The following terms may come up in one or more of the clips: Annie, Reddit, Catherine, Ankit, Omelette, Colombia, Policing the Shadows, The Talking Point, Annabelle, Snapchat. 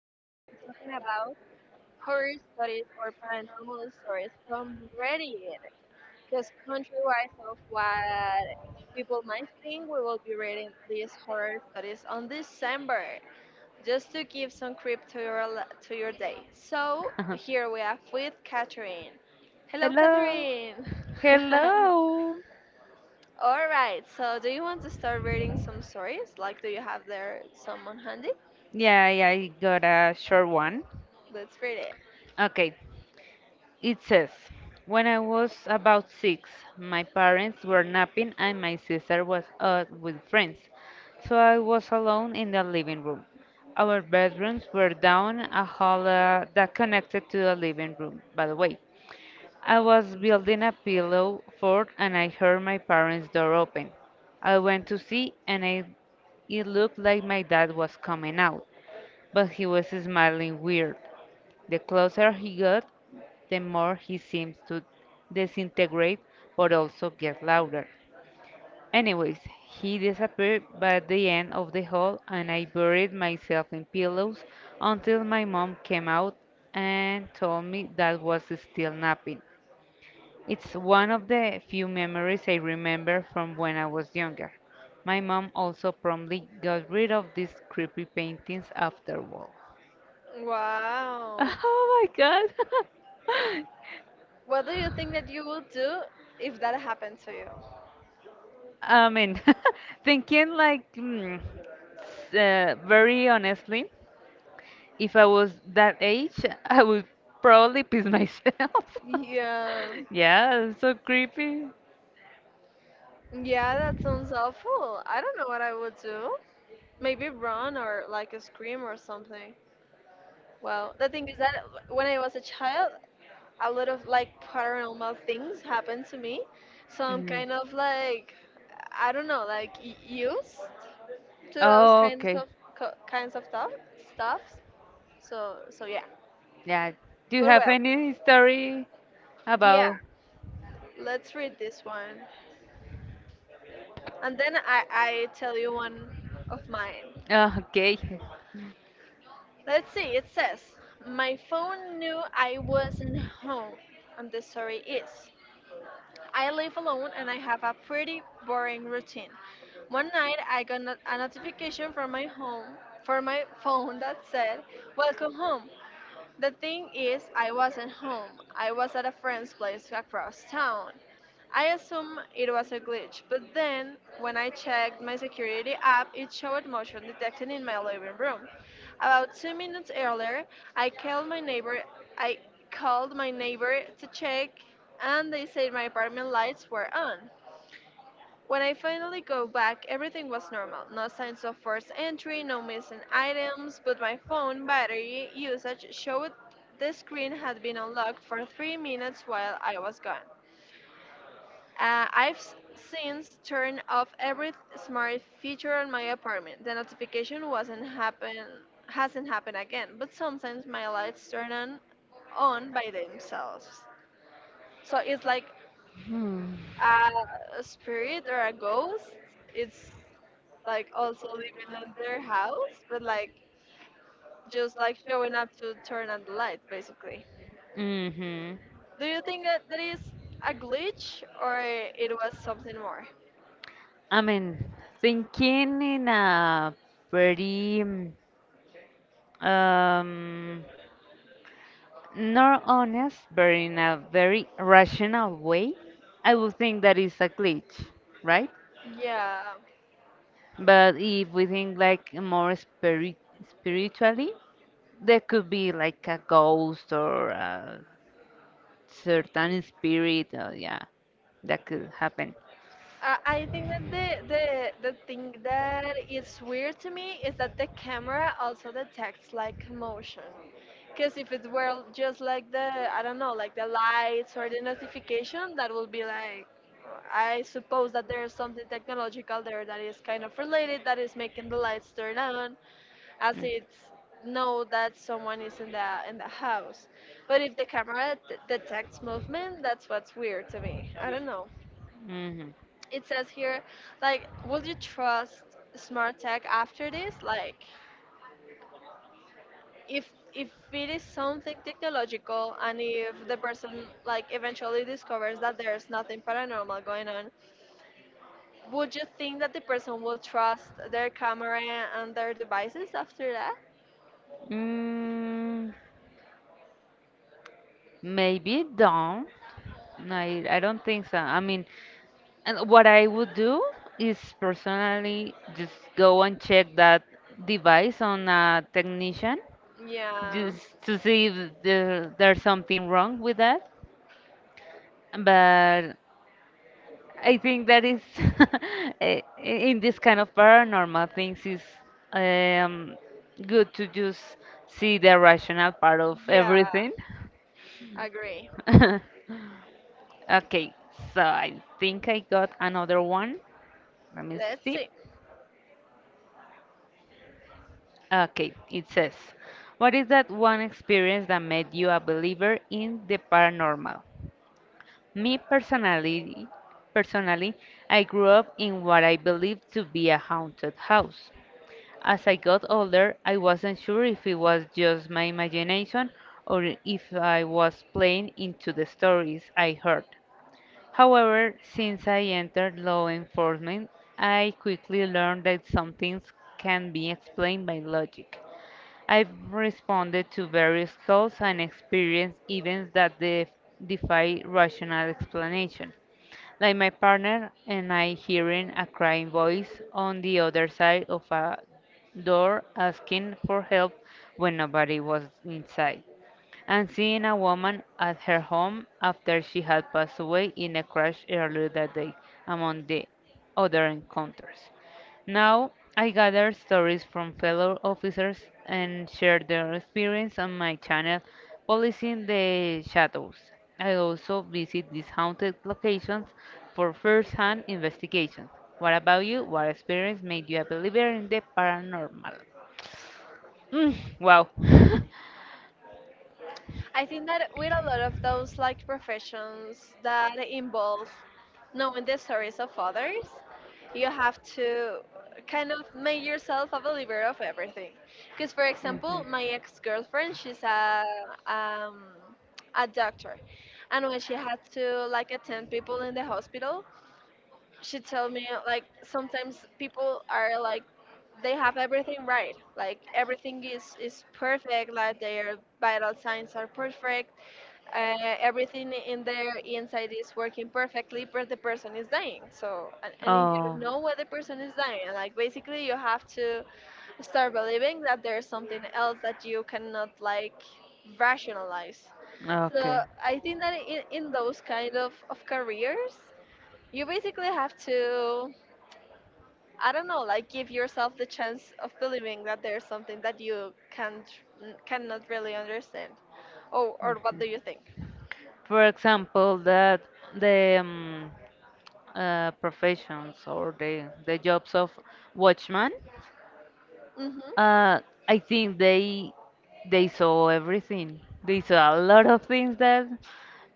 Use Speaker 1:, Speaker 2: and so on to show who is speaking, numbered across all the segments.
Speaker 1: Today we'll be talking about horror stories or paranormal stories from Reddit. Because contrary of what people might think, we will be reading these horror stories on December, just to give some creep to your li- to your day. So here we are with Catherine. Hello, Catherine.
Speaker 2: Hello.
Speaker 1: All right. Do you want to start reading some stories? Like, do you have there someone handy?
Speaker 2: Yeah, yeah, I got a short one.
Speaker 1: Let's read it.
Speaker 2: Okay. It says, when I was about six, my parents were napping and my sister was out with friends, so I was alone in the living room. Our bedrooms were down a hall that connected to the living room, by the way. I was building a pillow fort and I heard my parents' door open. I went to see and it looked like my dad was coming out, but he was smiling weird. The closer he got, the more he seemed to disintegrate, but also get louder. Anyways, he disappeared by the end of the hall, and I buried myself in pillows until my mom came out and told me that was still napping. It's one of the few memories I remember from when I was younger. My mom also promptly got rid of these creepy paintings after all.
Speaker 1: Wow.
Speaker 2: Oh my god.
Speaker 1: What do you think that you would do if that happened to you?
Speaker 2: I mean, thinking like very honestly, if I was that age, I would probably piss myself.
Speaker 1: Yeah.
Speaker 2: Yeah, it's so creepy.
Speaker 1: Yeah, that sounds awful. I don't know what I would do. Maybe run or like scream or something. Well, the thing is that when I was a child, a lot of like paranormal things happened to me. So I'm
Speaker 2: Mm.
Speaker 1: kind of like, I don't know, like used to those
Speaker 2: Oh,
Speaker 1: kinds
Speaker 2: okay.
Speaker 1: of co- kinds of stuff stuffs. So yeah.
Speaker 2: Yeah. Do you
Speaker 1: But
Speaker 2: have
Speaker 1: well,
Speaker 2: any story
Speaker 1: yeah.
Speaker 2: about?
Speaker 1: Let's read this one, and then I tell you one of mine.
Speaker 2: Okay.
Speaker 1: Let's see. It says my phone knew I wasn't home, and the story is I live alone and I have a pretty boring routine. One night I got a notification from my home for my phone that said welcome home. The thing is, I wasn't home. I was at a friend's place across town. I assumed it was a glitch, but then when I checked my security app, it showed motion detection in my living room. About 2 minutes earlier, I called my neighbor. I called my neighbor to check, and they said my apartment lights were on. When I finally go back, everything was normal. No signs of forced entry, no missing items, but my phone battery usage showed the screen had been unlocked for 3 minutes while I was gone. I've since turned off every smart feature on my apartment. The notification wasn't happen hasn't happened again, but sometimes my lights turn on by themselves. So it's like
Speaker 2: Hmm.
Speaker 1: a spirit or a ghost it's like also living in their house but like just like showing up to turn on the lights basically.
Speaker 2: Mm-hmm.
Speaker 1: Do you think that that is a glitch or it was something more?
Speaker 2: I mean, thinking in a very um, nor honest, but in a very rational way, I would think that is a glitch, right?
Speaker 1: Yeah.
Speaker 2: But if we think like more spiritually, there could be like a ghost or a certain spirit. Yeah, that could happen.
Speaker 1: I think that the thing that is weird to me is that the camera also detects like motion. Because if it were just like the I don't know, like the lights or the notification, that would be like I suppose that there's something technological there that is kind of related that is making the lights turn on as it's know that someone is in the house. But if the camera d detects movement, that's what's weird to me. I don't know.
Speaker 2: Hmm.
Speaker 1: It says here, like, will you trust smart tech after this? Like, if if it is something technological and if the person like eventually discovers that there's nothing paranormal going on, would you think that the person will trust their camera and their devices after that?
Speaker 2: Mm, maybe don't. No, I don't think so. I mean, and what I would do is personally just go and check that device on a technician
Speaker 1: Yeah.
Speaker 2: just to see if there's something wrong with that. But I think that is in this kind of paranormal things is um, good to just see the rational part of
Speaker 1: Yeah,
Speaker 2: everything.
Speaker 1: agree.
Speaker 2: Okay, so I think I got another one. Let me
Speaker 1: Let's
Speaker 2: see.
Speaker 1: see.
Speaker 2: Okay, it says, what is that one experience that made you a believer in the paranormal? Me personally, I grew up in what I believed to be a haunted house. As I got older, I wasn't sure if it was just my imagination or if I was playing into the stories I heard. However, since I entered law enforcement, I quickly learned that some things can be explained by logic. I've responded to various calls and experienced events that defy rational explanation, like my partner and I hearing a crying voice on the other side of a door asking for help when nobody was inside and seeing a woman at her home after she had passed away in a crash earlier that day, among the other encounters. Now I gather stories from fellow officers and share their experience on my channel, Policing the Shadows. I also visit these haunted locations for first hand investigations. What about you? What experience made you a believer in the paranormal? Mm, wow.
Speaker 1: I think that with a lot of those like professions that involve knowing the stories of others, you have to kind of make yourself a believer of everything. Because, for example, my ex girlfriend, she's um, a doctor, and when she had to like attend people in the hospital, she told me like sometimes people are like they have everything right like everything is perfect like their vital signs are perfect uh, everything in there inside is working perfectly, but the person is dying. So, and you don't know why the person is dying. Like, basically, you have to start believing that there's something else that you cannot, like, rationalize. So, I think that in those kind of careers, you basically have to, I don't know, like, give yourself the chance of believing that there's something that you can't, cannot really understand. Oh, or what do you think?
Speaker 2: For example, that the professions or the jobs of watchman,
Speaker 1: Hmm.
Speaker 2: uh, I think they saw everything. They saw a lot of things that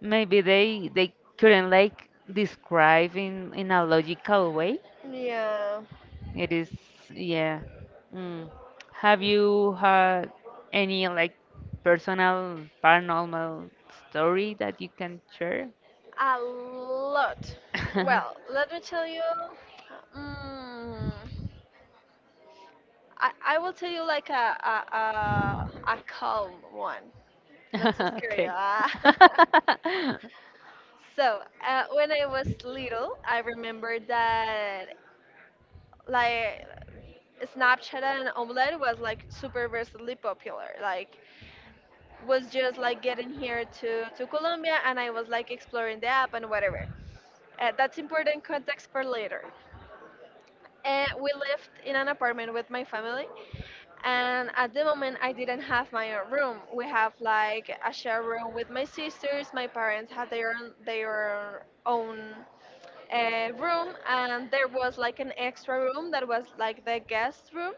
Speaker 2: maybe they couldn't like describe in a logical way.
Speaker 1: Yeah,
Speaker 2: It is yeah. Mm. Have you had any like personal paranormal story that you can share?
Speaker 1: a lot. Well, let me tell you. Mm, I will tell you like a calm one, not so scary. Ah. So when I was little, I remember that like Snapchat and Omelette was like super versatile popular. Like was just like getting here to Colombia, and I was like exploring the app and whatever. That's important context for later. And we lived in an apartment with my family. And at the moment, I didn't have my own room. We have like a shared room with my sisters. My parents had their own room, and there was like an extra room that was like the guest room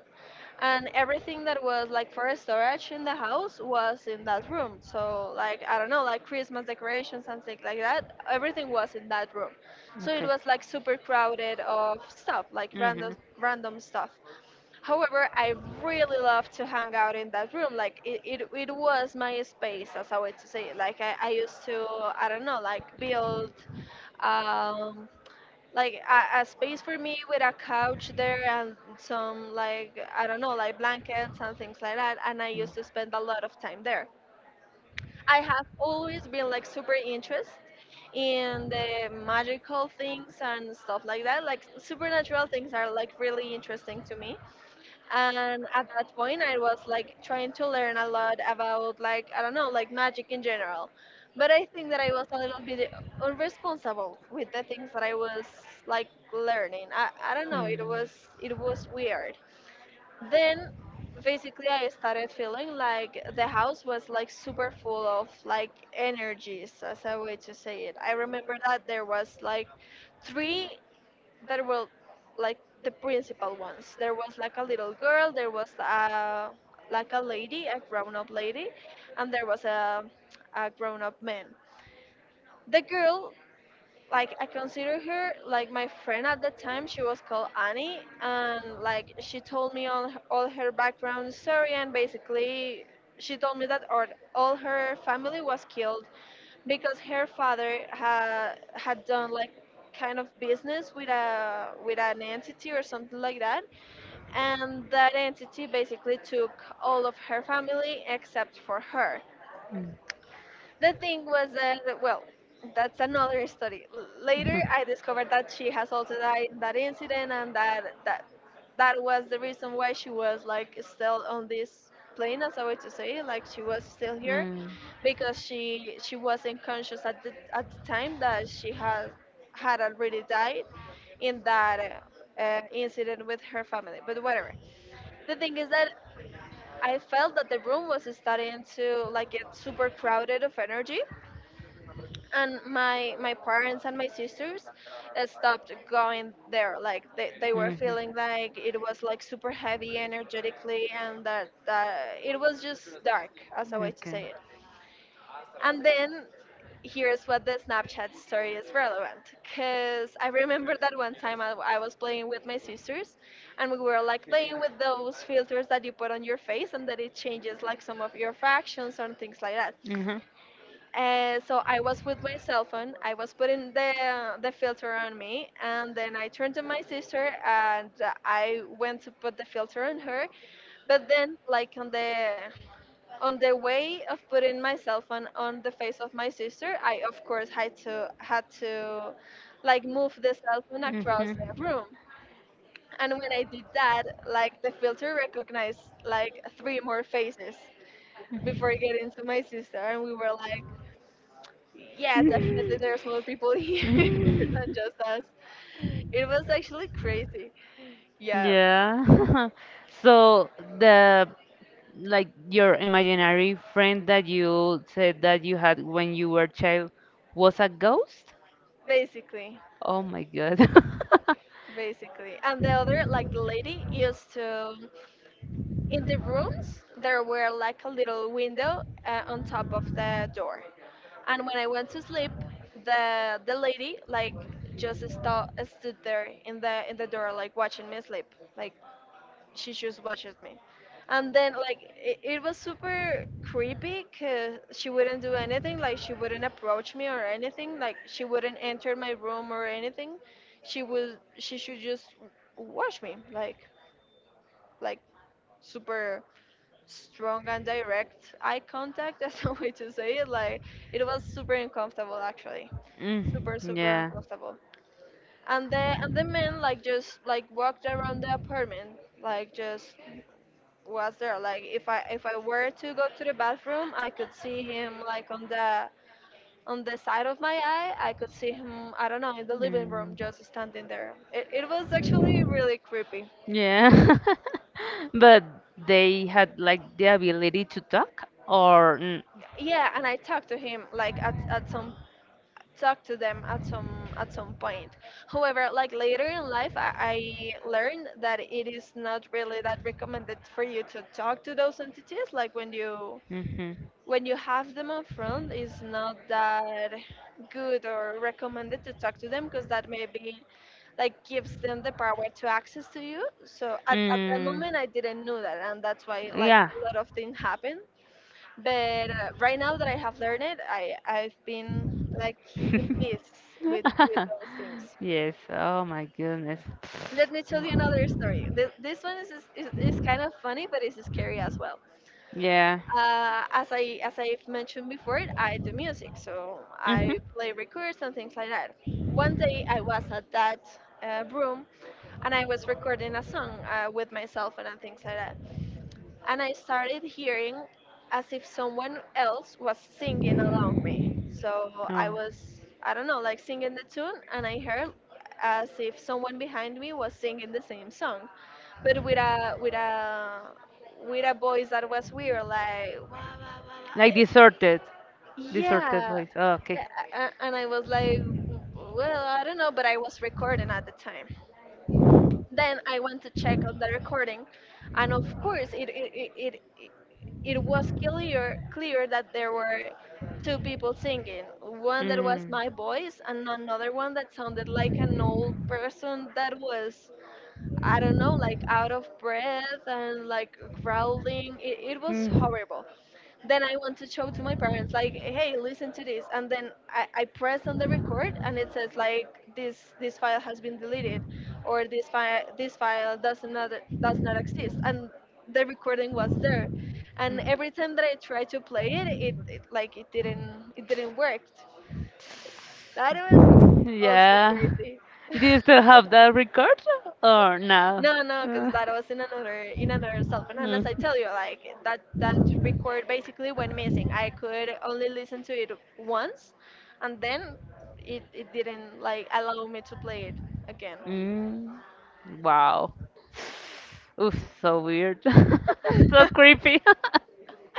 Speaker 1: and everything that was like for storage in the house was in that room so like I don't know like Christmas decorations and things like that everything was in that room so it was like super crowded of stuff like random stuff. However, I really love to hang out in that room. Like it was my space as I would to say like I used to I don't know like build um like a space for me with a couch there and some like I don't know like blankets and things like that and I used to spend a lot of time there. I have always been like super interested in the magical things and stuff like that like supernatural things are like really interesting to me and at that point I was like trying to learn a lot about like I don't know like magic in general but I think that I was a little bit irresponsible with the things that I was like learning. I don't know it was weird then basically I started feeling like the house was like super full of like energies as a way to say it. I remember that three there were like the principal ones. There was like a little girl, there was a like a lady, a grown-up lady, and there was a grown-up man. The girl, like I consider her like my friend at the time. She was called Annie, and like she told me all her background story, and basically she told me that or all her family was killed because her father had done like kind of business with a with an entity or something like that and that entity basically took all of her family except for her. The thing was that, well, that's another story. Later, I discovered that she has also died in that incident, and that that was the reason why she was like still on this plane, as I way to say, it, like she was still here
Speaker 2: Mm.
Speaker 1: because she wasn't conscious at the time that she had already died in that incident with her family. But whatever. The thing is that I felt that the room was starting to like get super crowded of energy
Speaker 2: And
Speaker 1: and my parents and my sisters stopped going there like they were
Speaker 2: mhm.
Speaker 1: feeling like it was like super heavy energetically and that it was just dark as a way to
Speaker 2: Okay.
Speaker 1: say it and then here's what the Snapchat story is relevant because I remember that one time I was playing with my sisters and we were like playing with those filters that you put on your face and that it changes like some of your fractions and things like that
Speaker 2: Hmm.
Speaker 1: so I was with my cell phone. I was putting the filter on me, and then I turned to my sister, and I went to put the filter on her. But then, like on the way of putting my cell phone on the face of my sister, I of course had to like move the cell phone across the
Speaker 2: Hmm.
Speaker 1: room. And when I did that, like the filter recognized like three more faces before getting to my sister, and we were like yeah, definitely there's more people here than just us. It was actually crazy. Yeah,
Speaker 2: Yeah. So the like your imaginary friend that you said that you had when you were child was a ghost?
Speaker 1: basically.
Speaker 2: Oh my God.
Speaker 1: Basically. And the other, like the lady used to, in the rooms, there were like a little window on top of the door. And when I went to sleep, the lady like just stood there in the door like watching me sleep like she just watches me. And then, like, it was super creepy because she wouldn't do anything. Like, she wouldn't approach me or anything. Like, she wouldn't enter my room or anything. She would, she should just watch me. Like super strong and direct eye contact. That's the way to say it. Like, it was super uncomfortable, actually. Super,
Speaker 2: Mm,
Speaker 1: super
Speaker 2: yeah.
Speaker 1: uncomfortable. And the men like just like walked around the apartment, like just was there. Like if I were to go to the bathroom, I could see him like on the side of my eye. I could see him, I don't know, in the living room
Speaker 2: Mm.
Speaker 1: just standing there. It was actually really creepy.
Speaker 2: Yeah. But they had like the ability to talk or
Speaker 1: Yeah. And I talked to him like at some talked to them at some point. However, like later in life, I learned that it is not really that recommended for you to talk to those entities. Like
Speaker 2: mhm.
Speaker 1: when you have them on front, it's not that good or recommended to talk to them, because that maybe like gives them the power to access to you. So at, that
Speaker 2: Mm,
Speaker 1: moment, I didn't know that, and that's why like
Speaker 2: yeah.
Speaker 1: a lot of things happen. But right now that I have learned it, I've been like in peace with those things.
Speaker 2: Yes. Oh my goodness.
Speaker 1: Let me tell you another story. This one is is kind of funny, but it's scary as well.
Speaker 2: Yeah.
Speaker 1: As I as I've mentioned before, I do music, so I
Speaker 2: Mhm.
Speaker 1: play records and things like that. One day I was at that room and I was recording a song with myself and things like that, and I started hearing as if someone else was singing along me. So I was, I don't know, like singing the tune, and I heard as if someone behind me was singing the same song, but with a with a voice that was weird, like wah, wah, wah,
Speaker 2: Like
Speaker 1: wah.
Speaker 2: deserted
Speaker 1: Yeah.
Speaker 2: voice. Oh.
Speaker 1: Yeah, and I was like, well, I don't know, but I was recording at the time. Then I went to check on the recording, and of course, it was clear that there were two people singing. One that was
Speaker 2: Mm.
Speaker 1: my voice, and another one that sounded like an old person that was, I don't know, like out of breath and like growling. It was horrible. Then I want to show to my parents, like, hey, listen to this. And then I press on the record and it says like, this file has been deleted, or this file does not exist. And the recording was there. And every time that I tried to play it, it like it didn't work. That was also
Speaker 2: Yeah.
Speaker 1: crazy.
Speaker 2: Do you still have that record or no?
Speaker 1: No, no, because
Speaker 2: Uh,
Speaker 1: that was in another cell phone, and as I
Speaker 2: Mm.
Speaker 1: tell you, like that record basically went missing. I could only listen to it once, and then it didn't like allow me to play it again.
Speaker 2: Mm, wow. Oof, so weird. So creepy.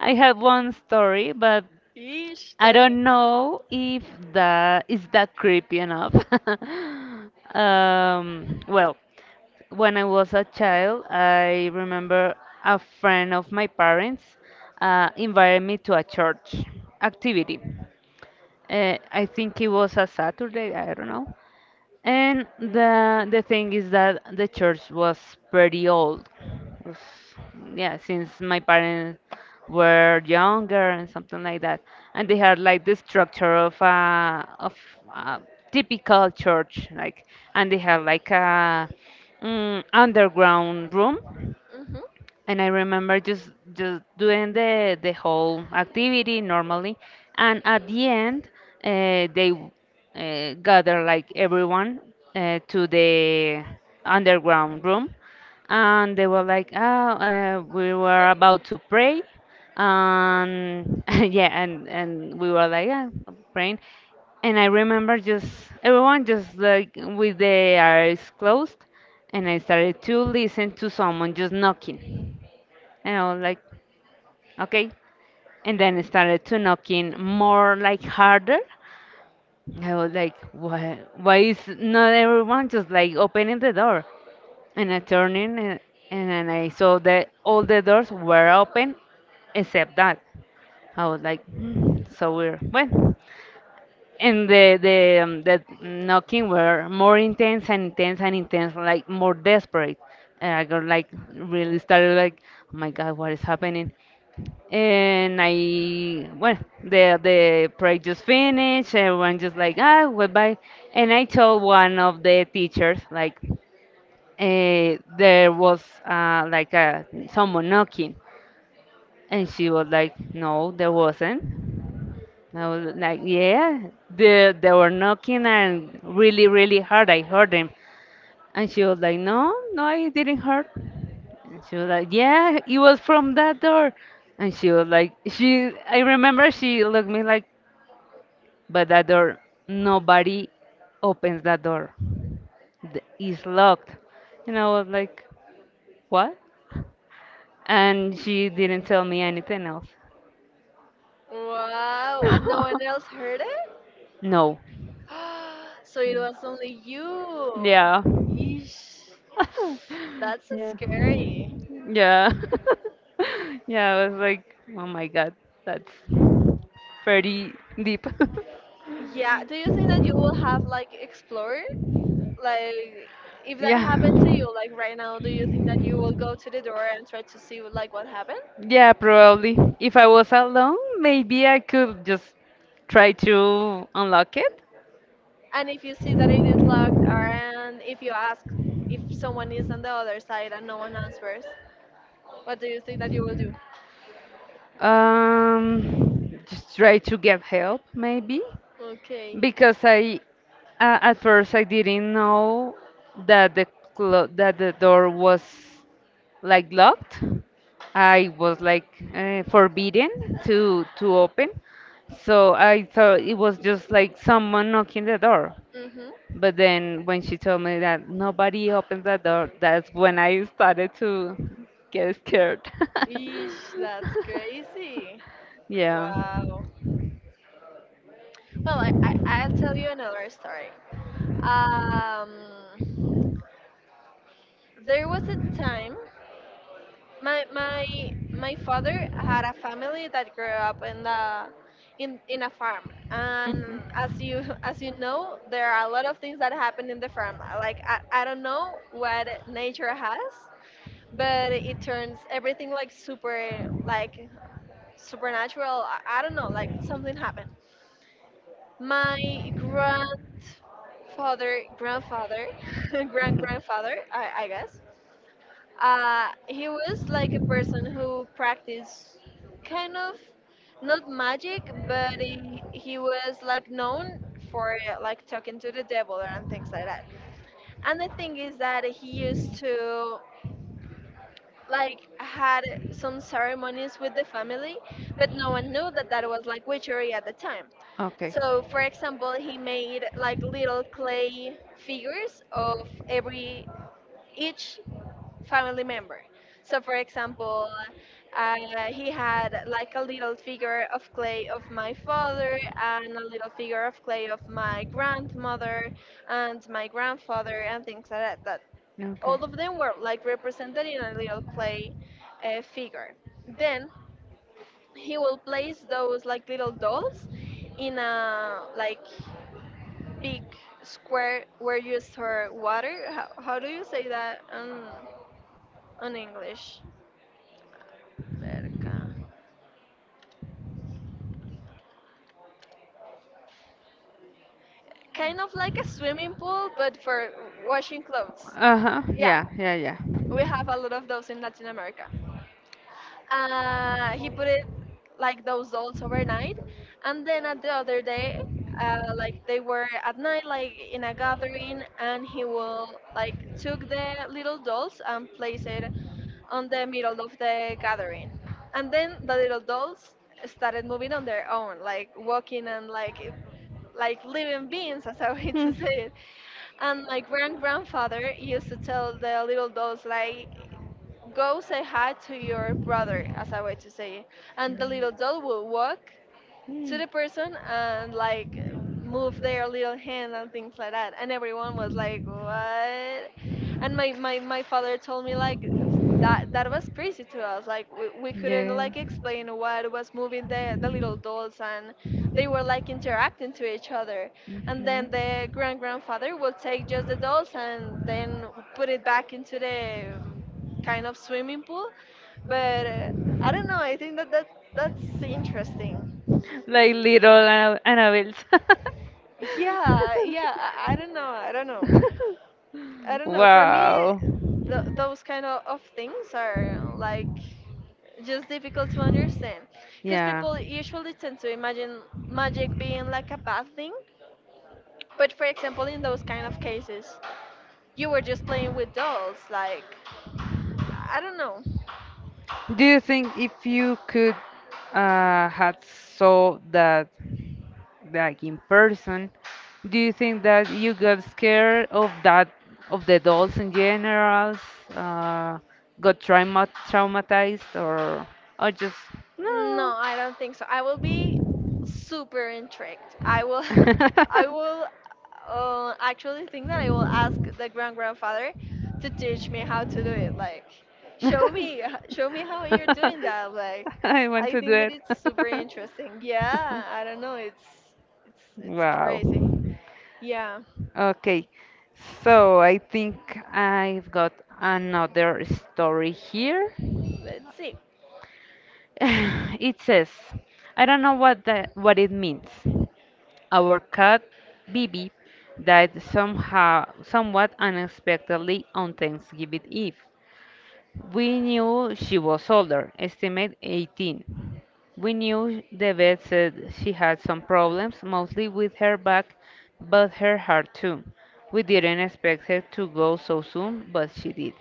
Speaker 2: I have one story, but
Speaker 1: Yeesh,
Speaker 2: I
Speaker 1: tell me.
Speaker 2: don't know if that is that creepy enough. Well, when I was a child, I remember a friend of my parents invited me to a church activity. I think it was a Saturday, I don't know. And the thing is that the church was pretty old. Was, yeah, since my parents were younger and something like that, and they had like the structure of a a typical church, like, and they have like a underground room
Speaker 1: Mhm.
Speaker 2: and I remember just doing the whole activity normally, and at the end they gather like everyone to the underground room, and they were like, oh, we were about to pray, and yeah, and we were like, yeah, praying, and I remember just everyone just like with their eyes closed, and I started to listen to someone just knocking. And I was like, okay. And then it started to knocking more like harder. I was like, why is not everyone just like opening the door? And I turned in and then I saw that all the doors were open except that. I was like, "Hmm, so weird." Well, and the the knocking were more intense and intense and intense, like more desperate. And I got like really started like, oh my God, what is happening? And I, well, the prayer just finished. Everyone just like, ah, goodbye. And I told one of the teachers, like, eh, there was like a someone knocking, and she was like, no, there wasn't. I was like, yeah, they were knocking and really really hard. I heard them, and she was like, no, no, I didn't hurt. And she was like, yeah, it was from that door. And she was like, she, I remember she looked me like, but that door, nobody opens that door. It's locked. And I was like, what? And she didn't tell me anything else.
Speaker 1: Wow, and no one else heard it.
Speaker 2: No.
Speaker 1: So it was only you.
Speaker 2: Yeah.
Speaker 1: Yeesh, that's
Speaker 2: Yeah.
Speaker 1: scary.
Speaker 2: Yeah. Yeah, I was like, oh my god, that's pretty deep.
Speaker 1: Yeah, do you think that you will have like explored? Like if that happened to
Speaker 2: Yeah.
Speaker 1: you, like right now, do you think that you will go to the door and try to see like what happened?
Speaker 2: Yeah, probably. If I was alone, maybe I could just try to unlock it.
Speaker 1: And if you see that it is locked, or and if you ask if someone is on the other side and no one answers, what do you think that you will do?
Speaker 2: Just try to get help, maybe,
Speaker 1: Okay.
Speaker 2: because I at first I didn't know that the clo that the door was like locked. I was like forbidden to open, so I thought it was just like someone knocking the door.
Speaker 1: Mhm.
Speaker 2: But then when she told me that nobody opens that door, that's when I started to get scared.
Speaker 1: Eesh, that's crazy.
Speaker 2: Yeah.
Speaker 1: Wow. Well, I'll tell you another story. Um, there was a time. My my father had a family that grew up in the in a farm, and as you
Speaker 2: Mhm.
Speaker 1: as you know, there are a lot of things that happen in the farm. Like I don't know what nature has, but it turns everything like super like supernatural. I don't know, like something happened. My grandfather, grandfather, I guess he was like a person who practiced kind of not magic, but he was like known for like talking to the devil and things like that. And the thing is that he used to like had some ceremonies with the family, but no one knew that that was like witchery at the time.
Speaker 2: Okay.
Speaker 1: So, for example, he made like little clay figures of every each family member. So, for example, uh, he had like a little figure of clay of my father and a little figure of clay of my grandmother and my grandfather and things like that. That
Speaker 2: Okay.
Speaker 1: all of them were like represented in a little clay figure. Then he will place those like little dolls in a like big square where you store water. How do you say that on English? Alberca. Kind of like a swimming pool, but for washing clothes.
Speaker 2: Uh-huh.
Speaker 1: Yeah,
Speaker 2: Yeah, yeah, yeah.
Speaker 1: we have a lot of those in Latin America. He put it like those dolls overnight, and then at the other day, like they were at night, like in a gathering, and he will like took the little dolls and place it on the middle of the gathering, and then the little dolls started moving on their own, like walking and like living beings, as a way to
Speaker 2: Hmm.
Speaker 1: say it. And my grand grandfather used to tell the little dolls like, "Go say hi to your brother," as a way to say it. And the little doll would walk to the person and like move their little hand and things like that. And everyone was like, what? And my my father told me like that was crazy to us. Like we couldn't
Speaker 2: Yeah.
Speaker 1: like explain what was moving the little dolls, and they were like interacting to each other. And then the
Speaker 2: Mhm.
Speaker 1: grand grandfather would take just the dolls and then put it back into the kind of swimming pool. But I don't know, I think that that's interesting.
Speaker 2: Like little Annabelle's.
Speaker 1: Yeah, yeah. I don't know. I don't know. I don't know. For me,
Speaker 2: Wow.
Speaker 1: th those kind of, things are like just difficult to understand because
Speaker 2: Yeah.
Speaker 1: people usually tend to imagine magic being like a bad thing. But for example, in those kind of cases, you were just playing with dolls. Like, I don't know.
Speaker 2: Do you think if you could had saw that like in person, do you think that you got scared of that of the dolls in general? Uh, got traumatized or just
Speaker 1: No,
Speaker 2: no?
Speaker 1: I don't think so. I will be super intrigued. I will, I will actually think that I will ask the grand grandfather to teach me how to do it. Like, show me, show me how you're doing that. Like,
Speaker 2: I want
Speaker 1: I
Speaker 2: to do
Speaker 1: think that
Speaker 2: it.
Speaker 1: it's super interesting. Yeah, I don't know. It's
Speaker 2: Wow.
Speaker 1: crazy. Yeah,
Speaker 2: Okay. So I think I've got another story here.
Speaker 1: let's see.
Speaker 2: It says, I don't know what that what it means. Our cat Bibi died somehow somewhat unexpectedly on Thanksgiving Eve. We knew she was older, estimate 18. We knew the vet said she had some problems, mostly with her back, but her heart too. We didn't expect her to go so soon, but she did.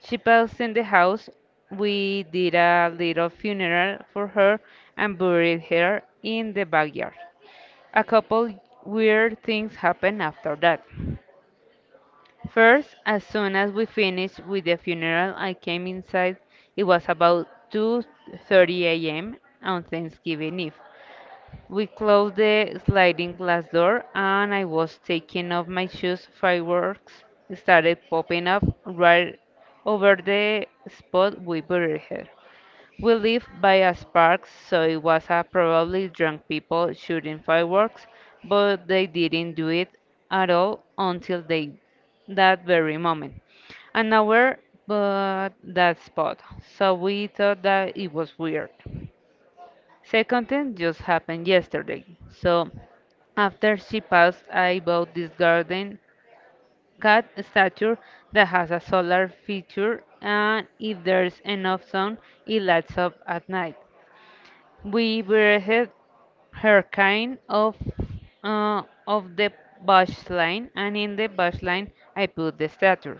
Speaker 2: She passed in the house. We did a little funeral for her and buried her in the backyard. A couple weird things happened after that. First, as soon as we finished with the funeral, I came inside. It was about 2:30 a.m. on Thanksgiving Eve. We closed the sliding glass door, and I was taking off my shoes. Fireworks started popping up right over the spot we buried her. We lived by a spark, so it was a probably drunk people shooting fireworks, but they didn't do it at all until they that very moment. An hour, but that spot. So we thought that it was weird. Second thing just happened yesterday. So after she passed, I bought this garden cat statue that has a solar feature, and if there's enough sun, it lights up at night. We breathed her kind of uh, the bush line, and in the bush line, I put the statue.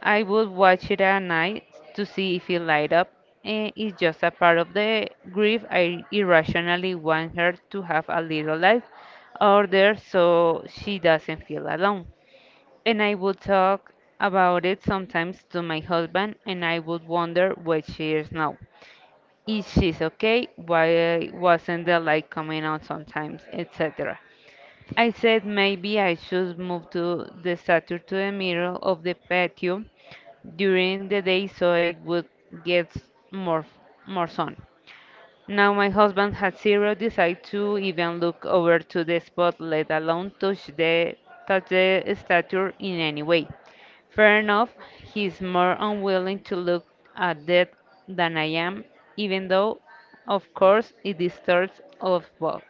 Speaker 2: I would watch it at night to see if it light up, and it's just a part of the grief. I irrationally want her to have a little life out there so she doesn't feel alone. And I would talk about it sometimes to my husband, and I would wonder where she is now. If she's okay, why wasn't the light coming on sometimes, etc. I said maybe I should move to the statue to the middle of the patio during the day so it would get more more sun. Now my husband had zero desire to even look over to the spot, let alone touch the statue in any way. Fair enough, he's more unwilling to look at that than I am, even though, of course, it disturbs of both.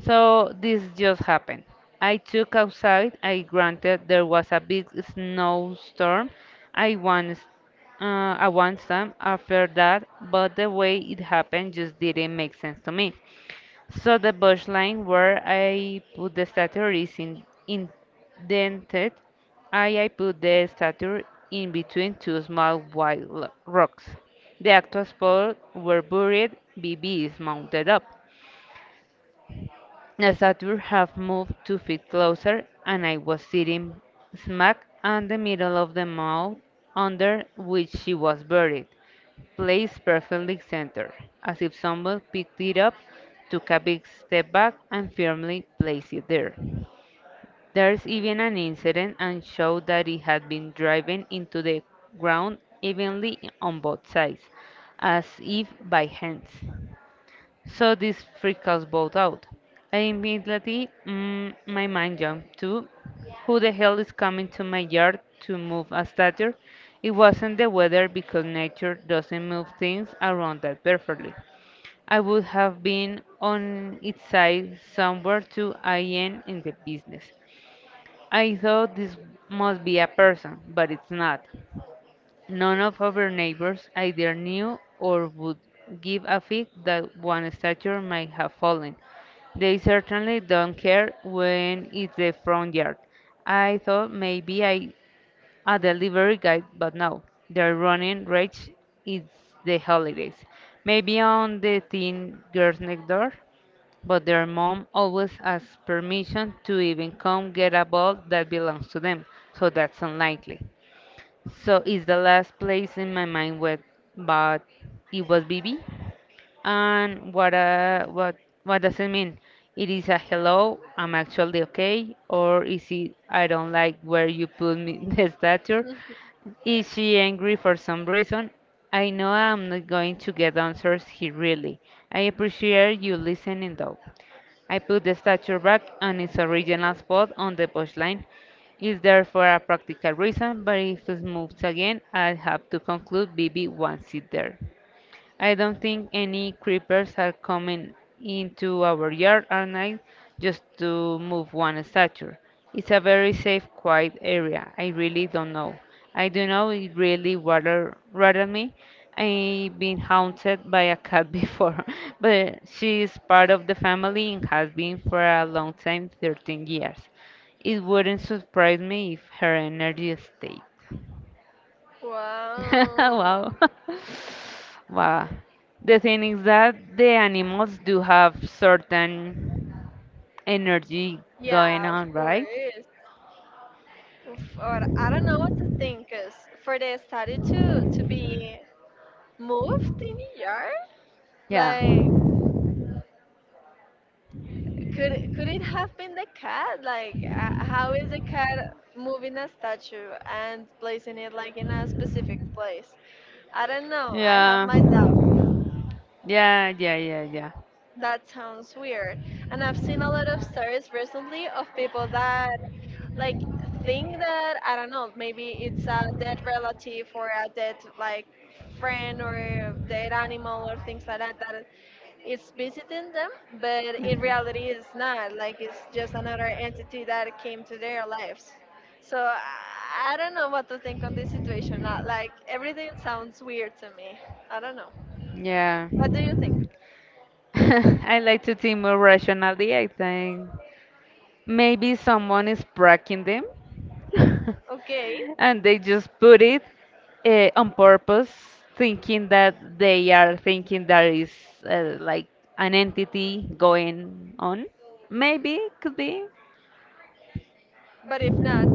Speaker 2: So this just happened. I took outside. I granted there was a big snowstorm. I once, I once time after that, but the way it happened just didn't make sense to me. So the bush line where I put the statue is indented. I put the statue in between two small white rocks. The actual spots were buried. BB is mounted up. Nasatur had moved 2 feet closer, and I was sitting smack in the middle of the mound under which she was buried, placed perfectly centered, as if someone picked it up, took a big step back, and firmly placed it there. There's even an incident and showed that it had been driven into the ground evenly on both sides, as if by hands. So this freaked us both out. I immediately, my mind jumped to, who the hell is coming to my yard to move a statue? It wasn't the weather because nature doesn't move things around that perfectly. I would have been on its side somewhere to I am in the business. I thought this must be a person, but it's not. None of our neighbors either knew or would give a fig that one statue might have fallen. They certainly don't care when it's the front yard. I thought maybe I a delivery guy, but no. They're running rage. It's the holidays. Maybe on the thin girls next door, but their mom always asks permission to even come get a ball that belongs to them, so that's unlikely. So it's the last place in my mind where, but it was BB. And what does it mean? It is a hello, I'm actually okay, or is it I don't like where you put me the statue? Is she angry for some reason? I know I'm not going to get answers here really. I appreciate you listening though. I put the statue back on its original spot on the punchline. Is there for a practical reason, but if it moves again, I'll have to conclude BB wants it there. I don't think any creepers are coming into our yard at night just to move one statue. It's a very safe, quiet area. I really don't know. I don't know it really rather me. I've been haunted by a cat before, but she is part of the family and has been for a long time, 13 years. It wouldn't surprise me if her energy stayed.
Speaker 1: Wow.
Speaker 2: Wow. Wow. The thing is that the animals do have certain energy going
Speaker 1: Yeah, of
Speaker 2: on, right?
Speaker 1: course. Oof, or I don't know what to think, 'cause for the study to be moved in New York,
Speaker 2: Yeah.
Speaker 1: like could it have been the cat? Like how is a cat moving a statue and placing it like in a specific place? I don't know. I have
Speaker 2: Yeah.
Speaker 1: my doubts.
Speaker 2: Yeah, yeah, yeah,
Speaker 1: That sounds weird. And I've seen a lot of stories recently of people that like think that, I don't know, maybe it's a dead
Speaker 2: yeah.
Speaker 1: relative or a dead like friend or a dead animal or things like that that is visiting them, but in reality it's not. Like it's just another entity that came to their lives. So I don't know what to think on this situation. Like everything sounds weird to me. I don't know.
Speaker 2: Yeah.
Speaker 1: What do you think?
Speaker 2: I like to think more rationally. I think maybe someone is pranking them
Speaker 1: Okay,
Speaker 2: and they just put it on purpose, thinking that they are thinking there is like an entity going on. Maybe, could be.
Speaker 1: but if not,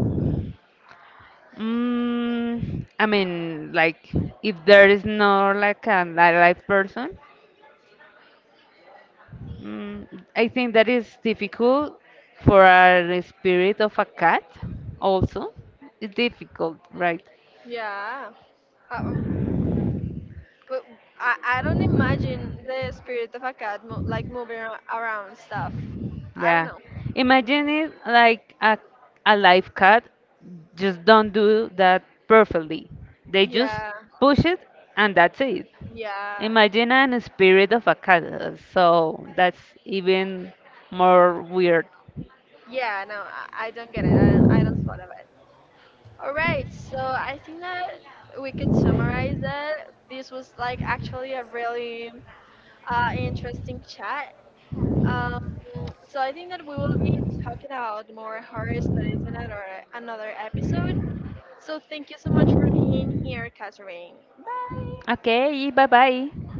Speaker 2: Mm, I mean, like if there is no like a live person, mm, I think that is difficult for a spirit of a cat. Also, it's difficult, right?
Speaker 1: yeah. Uh, But I don't imagine the spirit of a cat like moving around stuff. I don't
Speaker 2: Yeah.
Speaker 1: know.
Speaker 2: Imagine it like a live cat just don't do that perfectly. They just
Speaker 1: Yeah,
Speaker 2: push it and that's it.
Speaker 1: yeah,
Speaker 2: Imagine an spirit of a cat, so that's even more weird.
Speaker 1: yeah. No, I don't get it. I don't swallow it. All right, so I think that we could summarize that this was like actually a really interesting chat. Um, so I think that we will be talking about more horror stories in another another episode. So thank you so much for being here, Catherine. Bye.
Speaker 2: Okay, bye bye.